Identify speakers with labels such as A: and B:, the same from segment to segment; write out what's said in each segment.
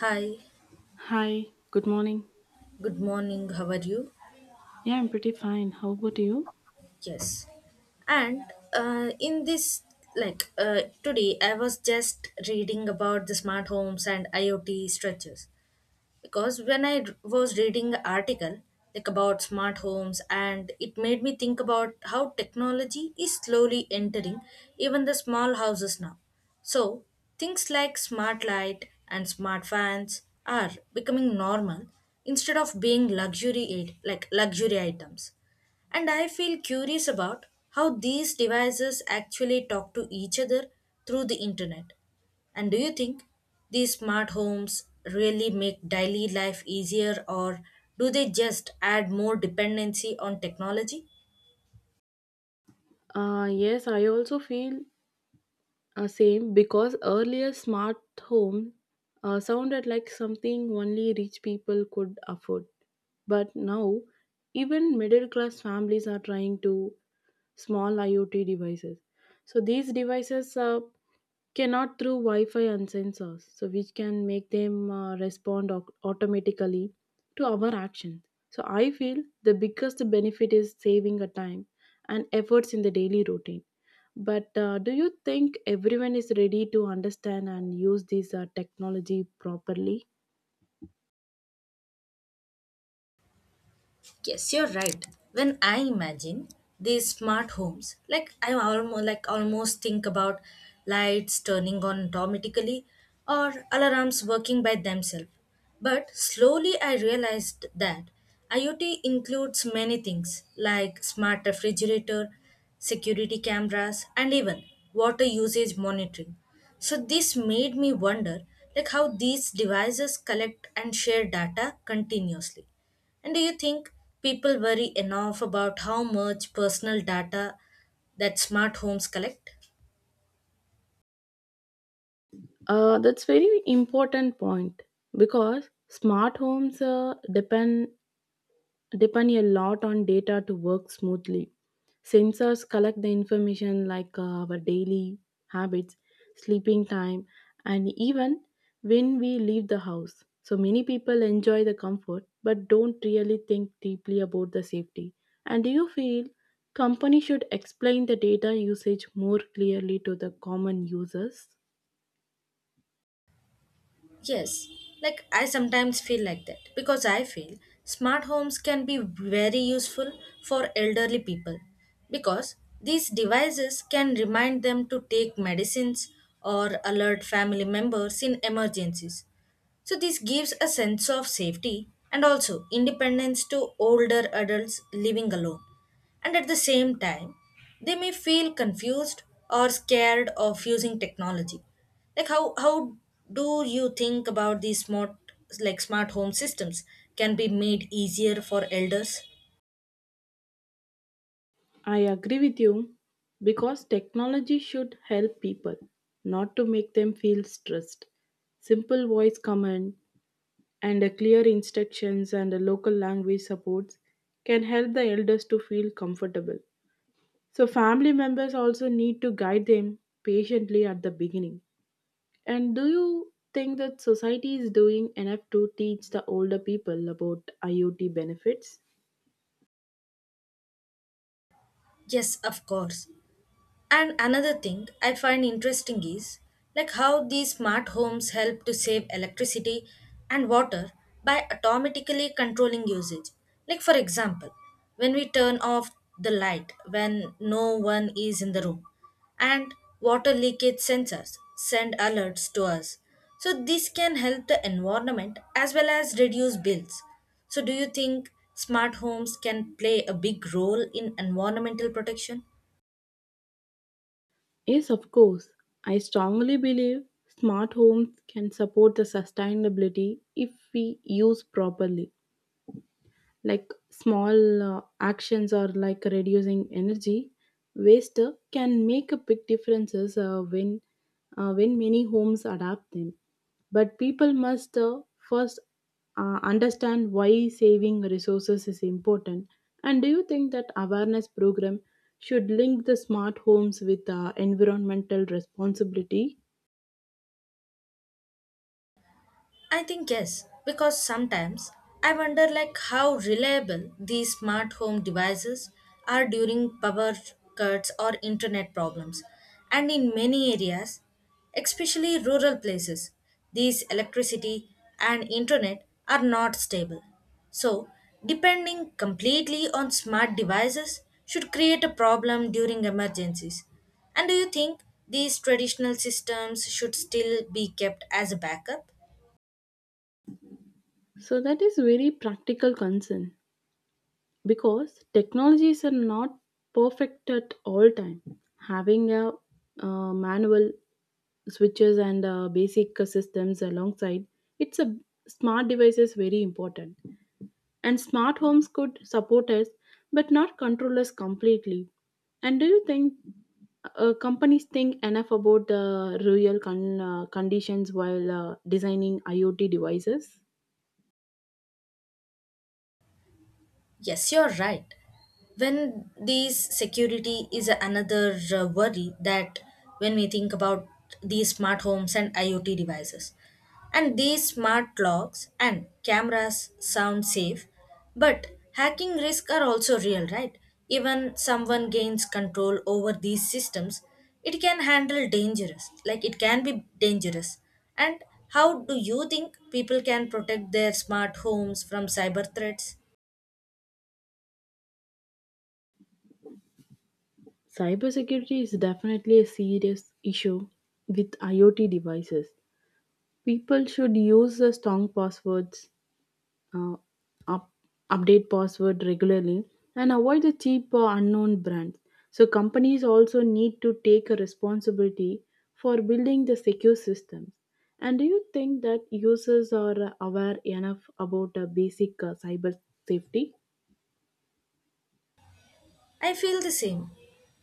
A: Hi,
B: Hi, good morning.
A: good morning. How are you?
B: Yeah, I'm pretty fine. How about you?
A: Yes. And in this, like today, I was just reading about the smart homes and IoT structures. Because when I was reading the article, like about smart homes, and it made me think about how technology is slowly entering even the small houses now. So things like smart light and smart fans are becoming normal instead of being luxury like luxury items. And I feel curious about how these devices actually talk to each other through the internet. And do you think these smart homes really make daily life easier, or do they just add more dependency on technology?
B: Yes, I also feel same because earlier smart home sounded like something only rich people could afford. But now, even middle class families are trying to small IoT devices. So these devices cannot through Wi-Fi and sensors, so which can make them respond automatically to our actions. So I feel the biggest benefit is saving a time and efforts in the daily routine. But do you think everyone is ready to understand and use this technology properly?
A: Yes, you're right. When I imagine these smart homes, like I almost almost think about lights turning on automatically or alarms working by themselves. But slowly I realized that IoT includes many things like smart refrigerator, security cameras, and even water usage monitoring. So this made me wonder like how these devices collect and share data continuously, and do you think people worry enough about how much personal data that smart homes collect?
B: That's very important point because smart homes depend a lot on data to work smoothly. Sensors collect the information like our daily habits, sleeping time, and even when we leave the house. So many people enjoy the comfort but don't really think deeply about the safety. And do you feel company should explain the data usage more clearly to the common users?
A: Yes, like I sometimes feel like that, because I feel smart homes can be very useful for elderly people, because these devices can remind them to take medicines or alert family members in emergencies. So this gives a sense of safety and also independence to older adults living alone. And at the same time, they may feel confused or scared of using technology. Like how do you think about these smart like, smart home systems can be made easier for elders?
B: I agree with you because technology should help people, not to make them feel stressed. Simple voice command and a clear instructions and a local language supports can help the elders to feel comfortable. So, family members also need to guide them patiently at the beginning. And do you think that society is doing enough to teach the older people about IoT benefits?
A: Yes, of course. And another thing I find interesting is like how these smart homes help to save electricity and water by automatically controlling usage. Like for example, when we turn off the light when no one is in the room, and water leakage sensors send alerts to us. So this can help the environment as well as reduce bills. So do you think smart homes can play a big role in environmental protection?
B: Yes, of course. I strongly believe smart homes can support the sustainability if we use properly. Like small actions or like reducing energy waste can make a big differences when many homes adapt them, but people must first understand why saving resources is important. And do you think that awareness program should link the smart homes with environmental responsibility?
A: I think yes, because sometimes I wonder like how reliable these smart home devices are during power cuts or internet problems. And in many areas, especially rural places, these electricity and internet are not stable. So, depending completely on smart devices should create a problem during emergencies. And do you think these traditional systems should still be kept as a backup?
B: So that is very practical concern because technologies are not perfect at all time. Having a manual switches and basic systems alongside it's a smart device is very important, and smart homes could support us but not control us completely. And do you think companies think enough about the real conditions while designing IoT devices?
A: Yes, you're right. When these security is another worry that when we think about these smart homes and IoT devices, and these smart locks and cameras sound safe, but hacking risks are also real, right? Even someone gains control over these systems, it can handle dangerous, like it can be dangerous. And how do you think people can protect their smart homes from cyber threats?
B: Cybersecurity is definitely a serious issue with IoT devices. People should use the strong passwords, uh, up, update password regularly, and avoid the cheap or unknown brands. So companies also need to take a responsibility for building the secure systems. And do you think that users are aware enough about basic cyber safety?
A: I feel the same.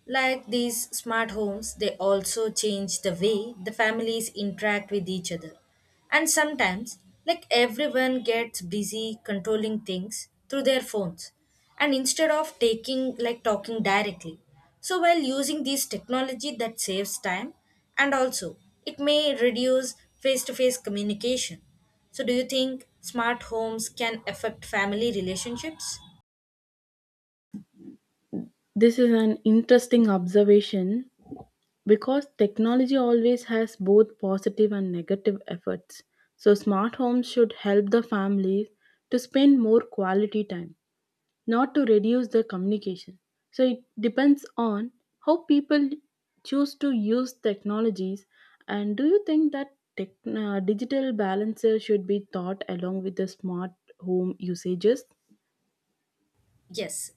A: Like these smart homes, they also change the way the families interact with each other. And sometimes, like everyone gets busy controlling things through their phones, and instead of taking like talking directly. So while using this technology that saves time, and also it may reduce face-to-face communication. So do you think smart homes can affect family relationships?
B: This is an interesting observation because technology always has both positive and negative efforts, so smart homes should help the families to spend more quality time, not to reduce the communication. So it depends on how people choose to use technologies. And do you think that digital balancer should be taught along with the smart home usages?
A: Yes,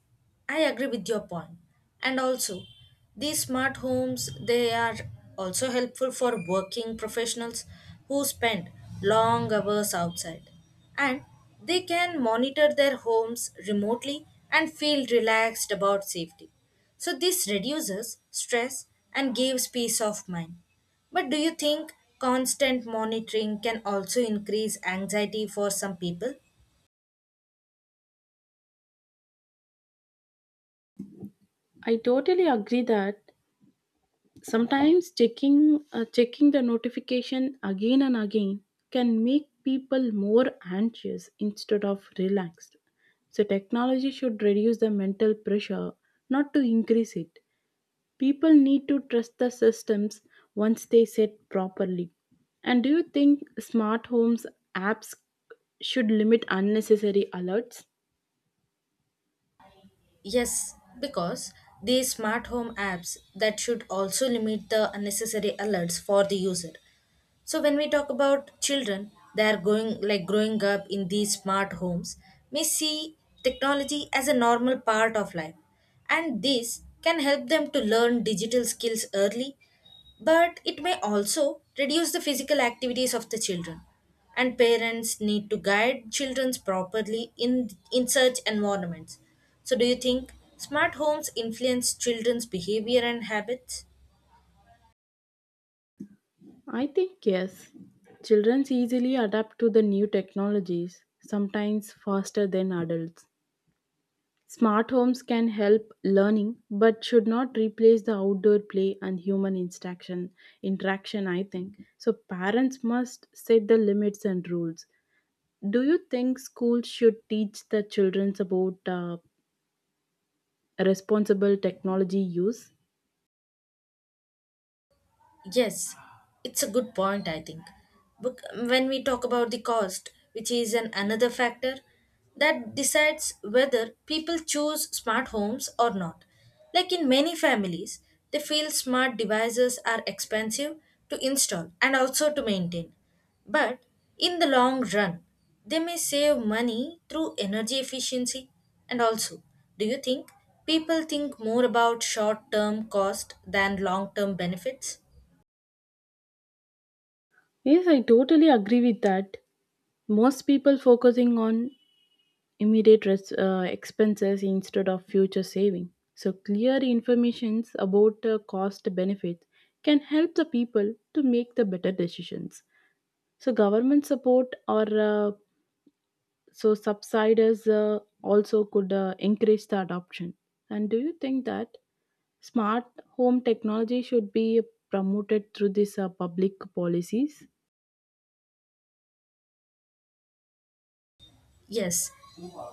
A: I agree with your point. And also, these smart homes, they are also helpful for working professionals who spend long hours outside. And they can monitor their homes remotely and feel relaxed about safety. So this reduces stress and gives peace of mind. But do you think constant monitoring can also increase anxiety for some people?
B: I totally agree that sometimes checking the notification again and again can make people more anxious instead of relaxed. So technology should reduce the mental pressure, not to increase it. People need to trust the systems once they set properly. And do you think smart homes apps should limit unnecessary alerts?
A: Yes, because these smart home apps that should also limit the unnecessary alerts for the user. So when we talk about children, they are going like growing up in these smart homes may see technology as a normal part of life. And this can help them to learn digital skills early, but it may also reduce the physical activities of the children. And parents need to guide children properly in such environments. So do you think smart homes influence children's behavior and habits?
B: I think yes. Children easily adapt to the new technologies, sometimes faster than adults. Smart homes can help learning but should not replace the outdoor play and human interaction I think. So parents must set the limits and rules. Do you think schools should teach the children about responsible technology use?
A: Yes, it's a good point, I think. But when we talk about the cost, which is an another factor that decides whether people choose smart homes or not. Like in many families, they feel smart devices are expensive to install and also to maintain. But in the long run, they may save money through energy efficiency. And also, do you think people think more about short term cost than long term benefits?
B: Yes, I totally agree with that. Most people focusing on immediate expenses instead of future saving. So, clear informations about cost benefits can help the people to make the better decisions. So, government support or subsidies also could increase the adoption. And do you think that smart home technology should be promoted through these public policies?
A: Yes,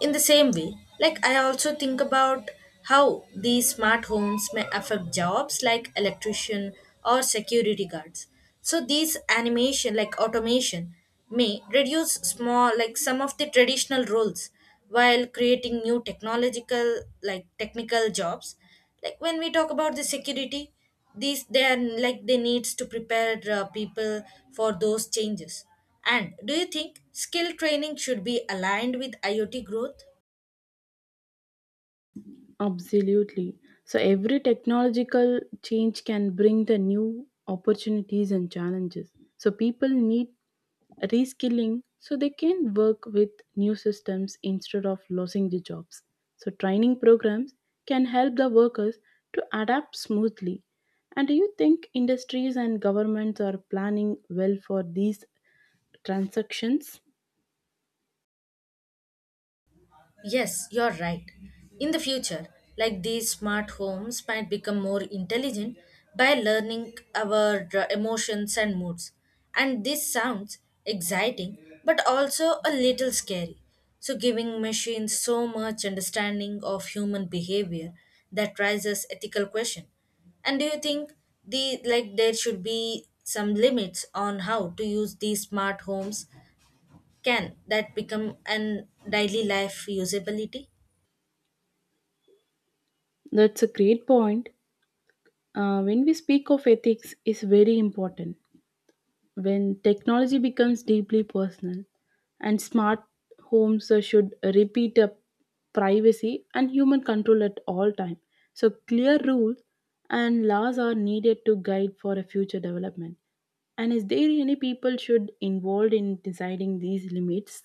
A: in the same way, like I also think about how these smart homes may affect jobs like electrician or security guards. So these animation like automation may reduce small like some of the traditional roles while creating new technological like technical jobs, like when we talk about the security, these they are like they needs to prepare people for those changes. And do you think skill training should be aligned with IoT growth?
B: Absolutely. So every technological change can bring the new opportunities and challenges. So people need reskilling so they can work with new systems instead of losing the jobs. So training programs can help the workers to adapt smoothly. And do you think industries and governments are planning well for these transactions?
A: Yes, you're right. In the future, like these smart homes might become more intelligent by learning our emotions and moods. And this sounds exciting but also a little scary. So, giving machines so much understanding of human behavior that raises ethical question. And do you think the like there should be some limits on how to use these smart homes? Can that become an daily life usability?
B: That's a great point. When we speak of ethics is very important when technology becomes deeply personal, and smart homes should repeat a privacy and human control at all time. So clear rules and laws are needed to guide for a future development. And is there any people should involved in deciding these limits?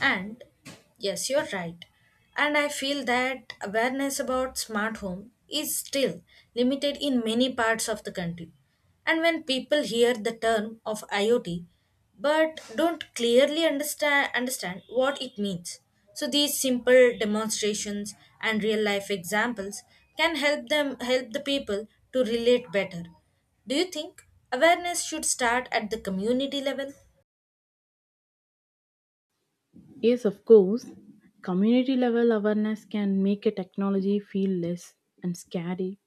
A: And yes, you're right. And I feel that awareness about smart home is still limited in many parts of the country. And when people hear the term of IoT but don't clearly understand what it means. So these simple demonstrations and real life examples can help the people to relate better. Do you think awareness should start at the community level?
B: Yes, of course. Community level awareness can make a technology feel less and scary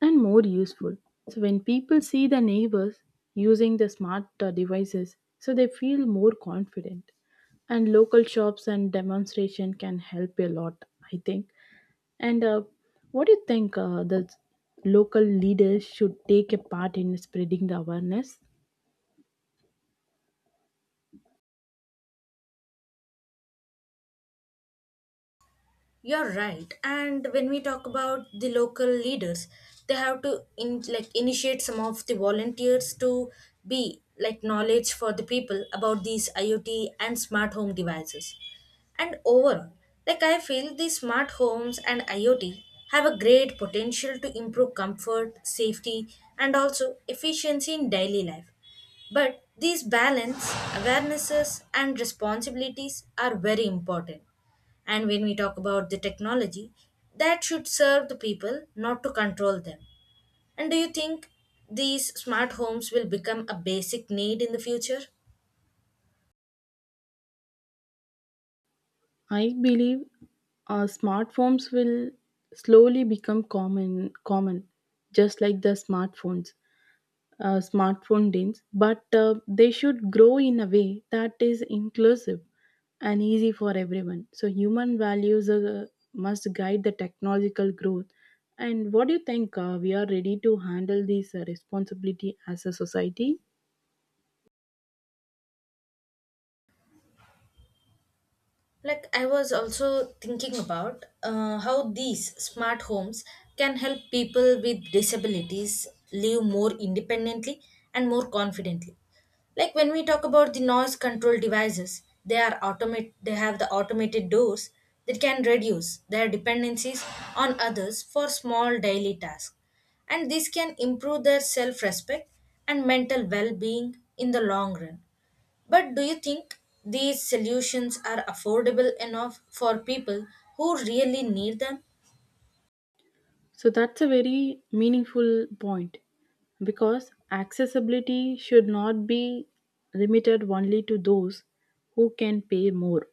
B: and more useful. So when people see their neighbors using the smart devices, so they feel more confident. And local shops and demonstration can help a lot, I think. And what do you think the local leaders should take a part in spreading the awareness?
A: You're right. And when we talk about the local leaders, they have to in, like initiate some of the volunteers to be like knowledge for the people about these IoT and smart home devices. And overall, like I feel these smart homes and IoT have a great potential to improve comfort, safety, and also efficiency in daily life. But these balance, awarenesses, and responsibilities are very important, and when we talk about the technology, that should serve the people, not to control them. And do you think these smart homes will become a basic need in the future?
B: I believe smartphones will slowly become common, just like the smartphones, smartphone dins. But they should grow in a way that is inclusive and easy for everyone. So human values must guide the technological growth. And what do you think? We are ready to handle this responsibility as a society?
A: Like, I was also thinking about how these smart homes can help people with disabilities live more independently and more confidently. Like when we talk about the noise control devices, they are automate. They have the automated doors that can reduce their dependencies on others for small daily tasks, and this can improve their self-respect and mental well-being in the long run. But do you think these solutions are affordable enough for people who really need them?
B: So that's a very meaningful point because accessibility should not be limited only to those who can pay more.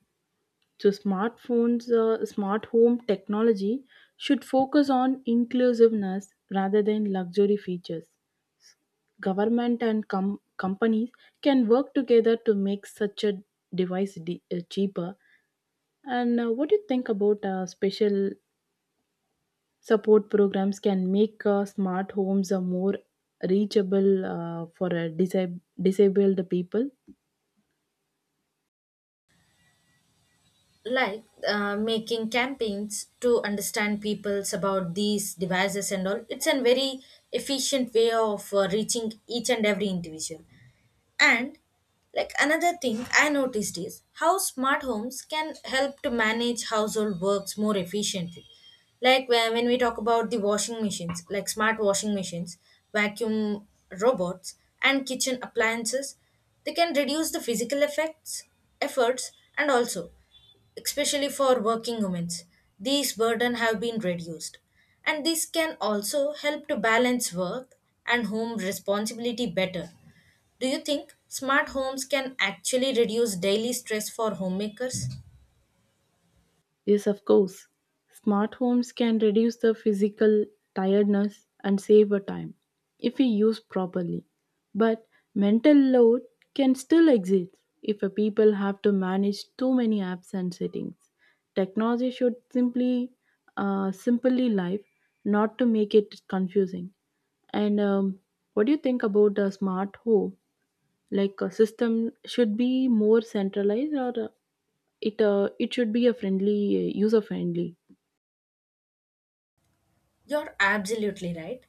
B: So smartphones, smart home technology should focus on inclusiveness rather than luxury features. Government and companies can work together to make such a device cheaper. And what do you think about special support programs can make smart homes more reachable for disabled people?
A: Like, making campaigns to understand people's about these devices and all, it's a very efficient way of reaching each and every individual. And like another thing I noticed is how smart homes can help to manage household works more efficiently. Like when we talk about the washing machines, like smart washing machines, vacuum robots, and kitchen appliances, they can reduce the physical efforts, and also, especially for working women, these burden have been reduced. And this can also help to balance work and home responsibility better. Do you think smart homes can actually reduce daily stress for homemakers?
B: Yes, of course. Smart homes can reduce the physical tiredness and save a time if we use properly. But mental load can still exist if a people have to manage too many apps and settings. Technology should simply life, not to make it confusing. And what do you think about a smart home? Like a system should be more centralized, or it should be a friendly user friendly?
A: You're absolutely right.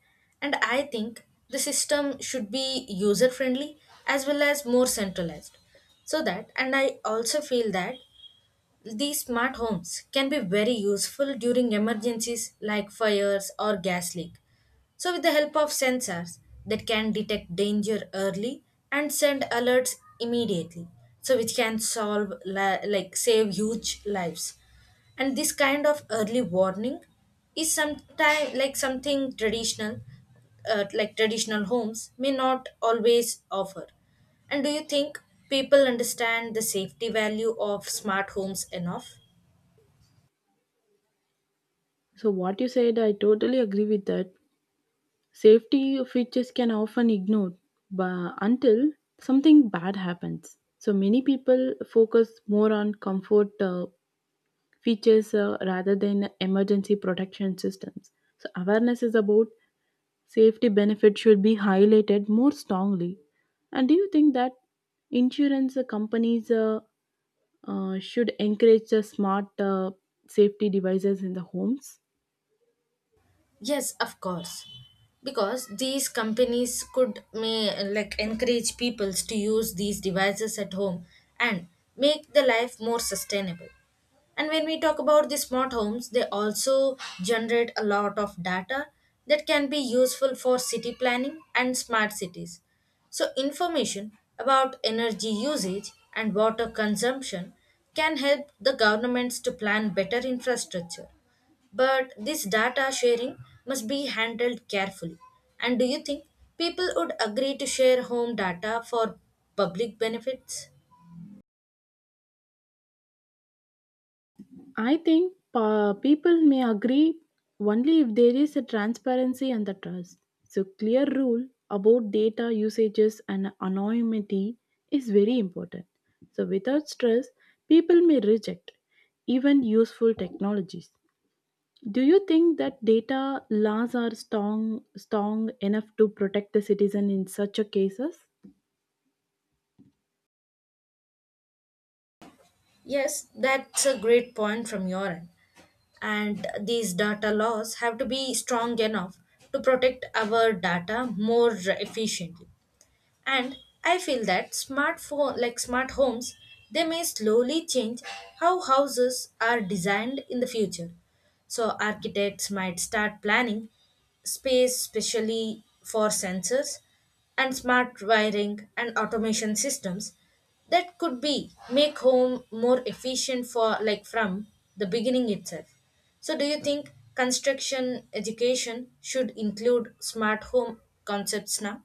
A: And I think the system should be user friendly as well as more centralized. So that, and I also feel that these smart homes can be very useful during emergencies like fires or gas leak. So, with the help of sensors that can detect danger early and send alerts immediately, so which can solve la- like save huge lives. And this kind of early warning is sometime like something like traditional homes may not always offer. And do you think people understand the safety value of smart homes enough?
B: So what you said, I totally agree with that. Safety features can often ignored but until something bad happens. So many people focus more on comfort features rather than emergency protection systems. So awareness is about safety benefits should be highlighted more strongly. And do you think that insurance companies should encourage the smart safety devices in the homes?
A: Yes, of course. Because these companies could may like encourage people to use these devices at home and make the life more sustainable. And when we talk about the smart homes, they also generate a lot of data that can be useful for city planning and smart cities. So, information about energy usage and water consumption can help the governments to plan better infrastructure. But this data sharing must be handled carefully. And do you think people would agree to share home data for public benefits?
B: I think people may agree only if there is a transparency and the trust. So, clear rule about data usages and anonymity is very important. So, without stress, people may reject even useful technologies. Do you think that data laws are strong enough to protect the citizen in such a cases?
A: Yes, that's a great point from your end. And these data laws have to be strong enough to protect our data more efficiently. And I feel that smart phone like smart homes, they may slowly change how houses are designed in the future. So architects might start planning space specially for sensors and smart wiring and automation systems that could be make home more efficient for like from the beginning itself. So do you think construction education should include smart home concepts now?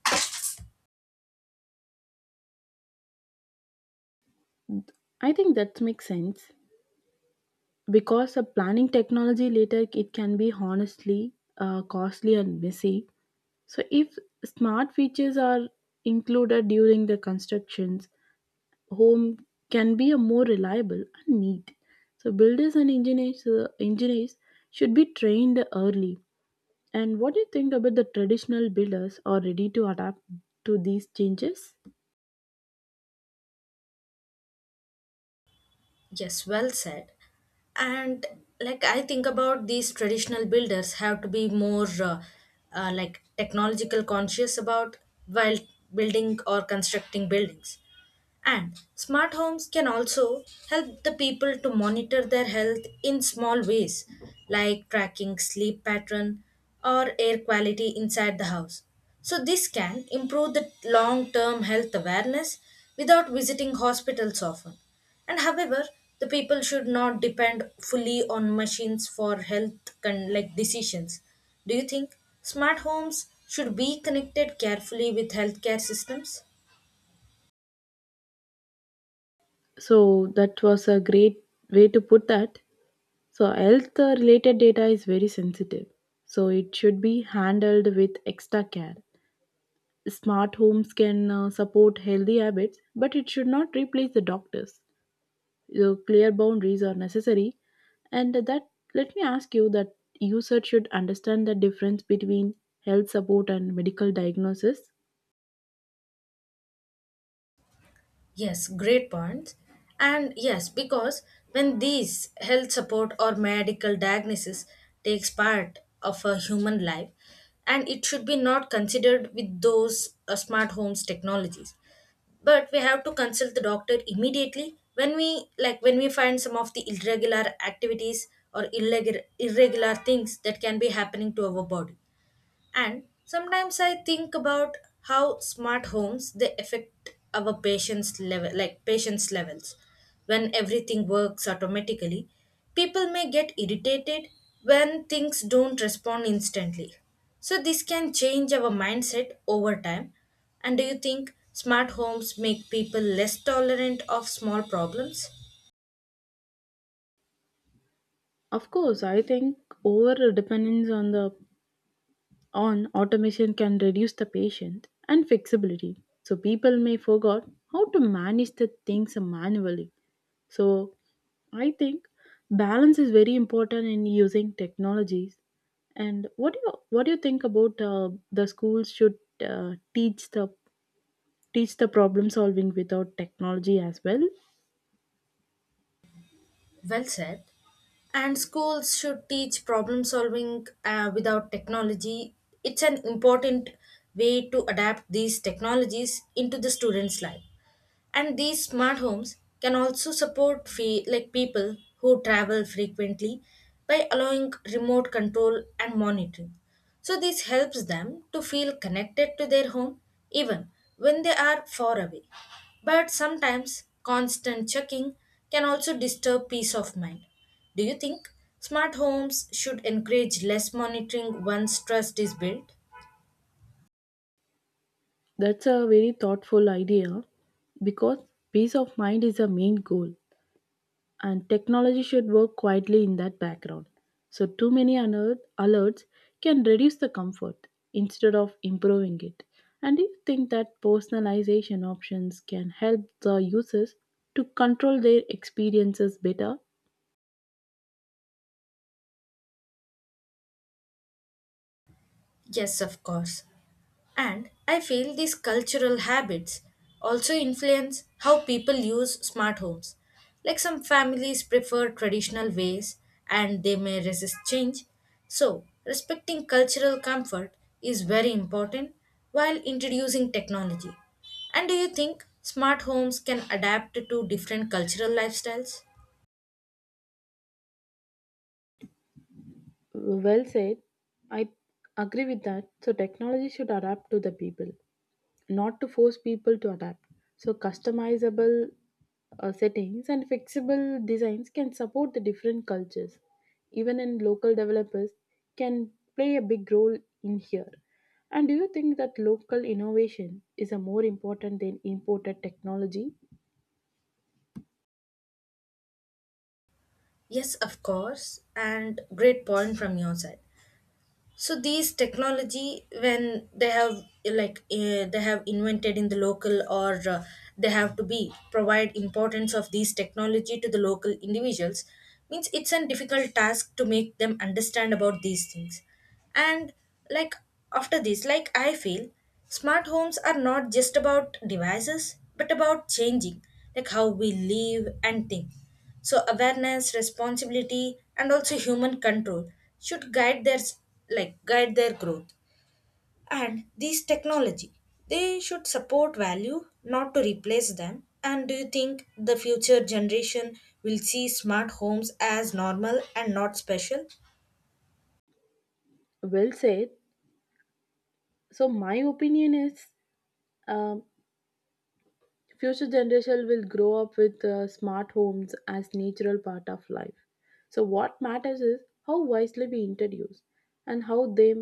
B: I think that makes sense. Because the planning technology later it can be honestly costly and messy. So if smart features are included during the constructions, home can be a more reliable and neat. So builders and engineers should be trained early. And what do you think about the traditional builders are ready to adapt to these changes?
A: Yes, well said. And like I think about these traditional builders have to be more like technological conscious about while building or constructing buildings. And smart homes can also help the people to monitor their health in small ways, like tracking sleep pattern or air quality inside the house. So, this can improve the long term health awareness without visiting hospitals often. And however, the people should not depend fully on machines for health like decisions. Do you think smart homes should be connected carefully with healthcare systems?
B: So that was a great way to put that. So, health related data is very sensitive, so it should be handled with extra care. Smart homes can support healthy habits, but it should not replace the doctors. So, clear boundaries are necessary, and that let me ask you that user should understand the difference between health support and medical diagnosis.
A: Yes, great points. And yes, because when these health support or medical diagnosis takes part of a human life, and it should be not considered with those smart homes technologies. But we have to consult the doctor immediately when we find some of the irregular activities or irregular things that can be happening to our body. And sometimes I think about how smart homes they affect our patients levels. When everything works automatically, people may get irritated when things don't respond instantly. So this can change our mindset over time. And do you think smart homes make people less tolerant of small problems?
B: Of course, I think over dependence on the on automation can reduce the patience and flexibility. So people may forget how to manage the things manually. So I think balance is very important in using technologies. And what do you think about the schools should uh, teach the teach the problem solving without technology as well?
A: Well said. And schools should teach problem solving without technology. It's an important way to adapt these technologies into the students' life, and these smart homes can also support like people who travel frequently by allowing remote control and monitoring. So this helps them to feel connected to their home even when they are far away, but sometimes constant checking can also disturb peace of mind. Do you think smart homes should encourage less monitoring once trust is built?
B: That's a very thoughtful idea because peace of mind is the main goal and technology should work quietly in that background. So, too many alerts can reduce the comfort instead of improving it. And do you think that personalization options can help the users to control their experiences better?
A: Yes, of course. And I feel these cultural habits also influence how people use smart homes. Like some families prefer traditional ways and they may resist change. So, respecting cultural comfort is very important while introducing technology. And do you think smart homes can adapt to different cultural lifestyles?
B: Well said. I agree with that. So, technology should adapt to the people, not to force people to adapt. So, customizable settings and flexible designs can support the different cultures. Even in local developers can play a big role in here. And do you think that local innovation is a more important than imported technology?
A: Yes, of course, and great point from your side. So these technology when they have they have invented in the local, or they have to be provide importance of these technology to the local individuals, means it's a difficult task to make them understand about these things. And like after this, like I feel smart homes are not just about devices but about changing like how we live and think. So awareness, responsibility and also human control should guide their guide their growth. And these technology, they should support value, not to replace them. And do you think the future generation will see smart homes as normal and not special?
B: Well said. So my opinion is, um future generation will grow up with smart homes as natural part of life. So what matters is how wisely we introduce and how they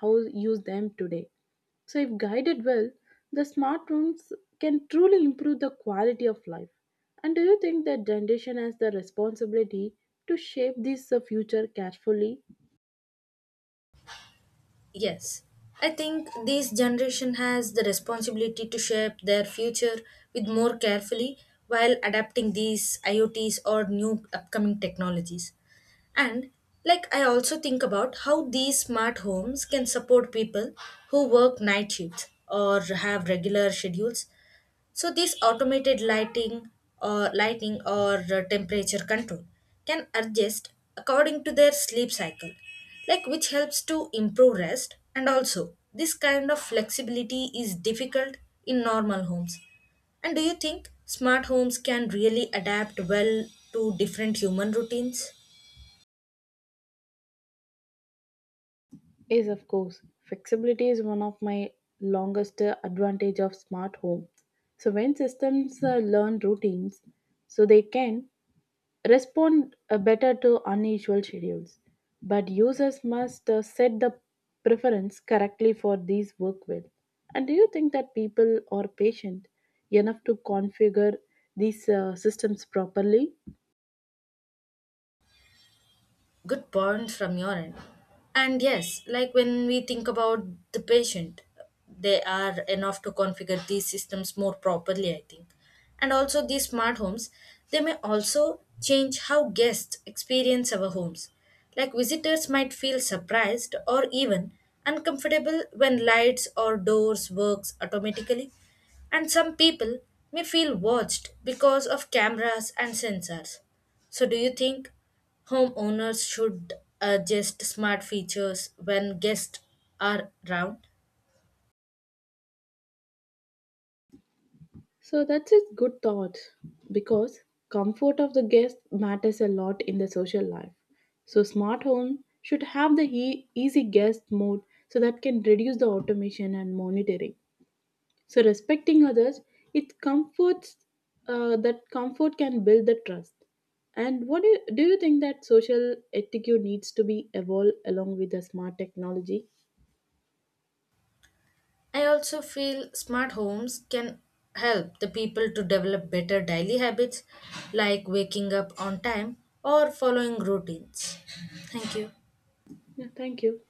B: how use them today. So if guided well, the smart homes can truly improve the quality of life. And do you think that generation has the responsibility to shape this future carefully?
A: Yes, I think this generation has the responsibility to shape their future with more carefully while adapting these IoTs or new upcoming technologies. And like I also think about how these smart homes can support people who work night shifts or have regular schedules. So this automated lighting, or temperature control can adjust according to their sleep cycle, like which helps to improve rest. And also this kind of flexibility is difficult in normal homes. And do you think smart homes can really adapt well to different human routines?
B: Yes, of course. Flexibility is one of my longest advantage of smart home. So when systems learn routines, so they can respond better to unusual schedules. But users must set the preference correctly for these work well. And do you think that people are patient enough to configure these systems properly?
A: Good point from your end. And yes, like when we think about the patient, they are enough to configure these systems more properly, I think. And also these smart homes, they may also change how guests experience our homes, like visitors might feel surprised or even uncomfortable when lights or doors works automatically. And some people may feel watched because of cameras and sensors. So do you think homeowners should adjust smart features when guests are around?
B: So that's a good thought because comfort of the guest matters a lot in the social life. So smart home should have the easy guest mode so that can reduce the automation and monitoring. So respecting others, it comforts that comfort can build the trust. And do you think that social etiquette needs to be evolved along with the smart technology?
A: I also feel smart homes can help the people to develop better daily habits, like waking up on time or following routines. Thank you.
B: Yeah, thank you.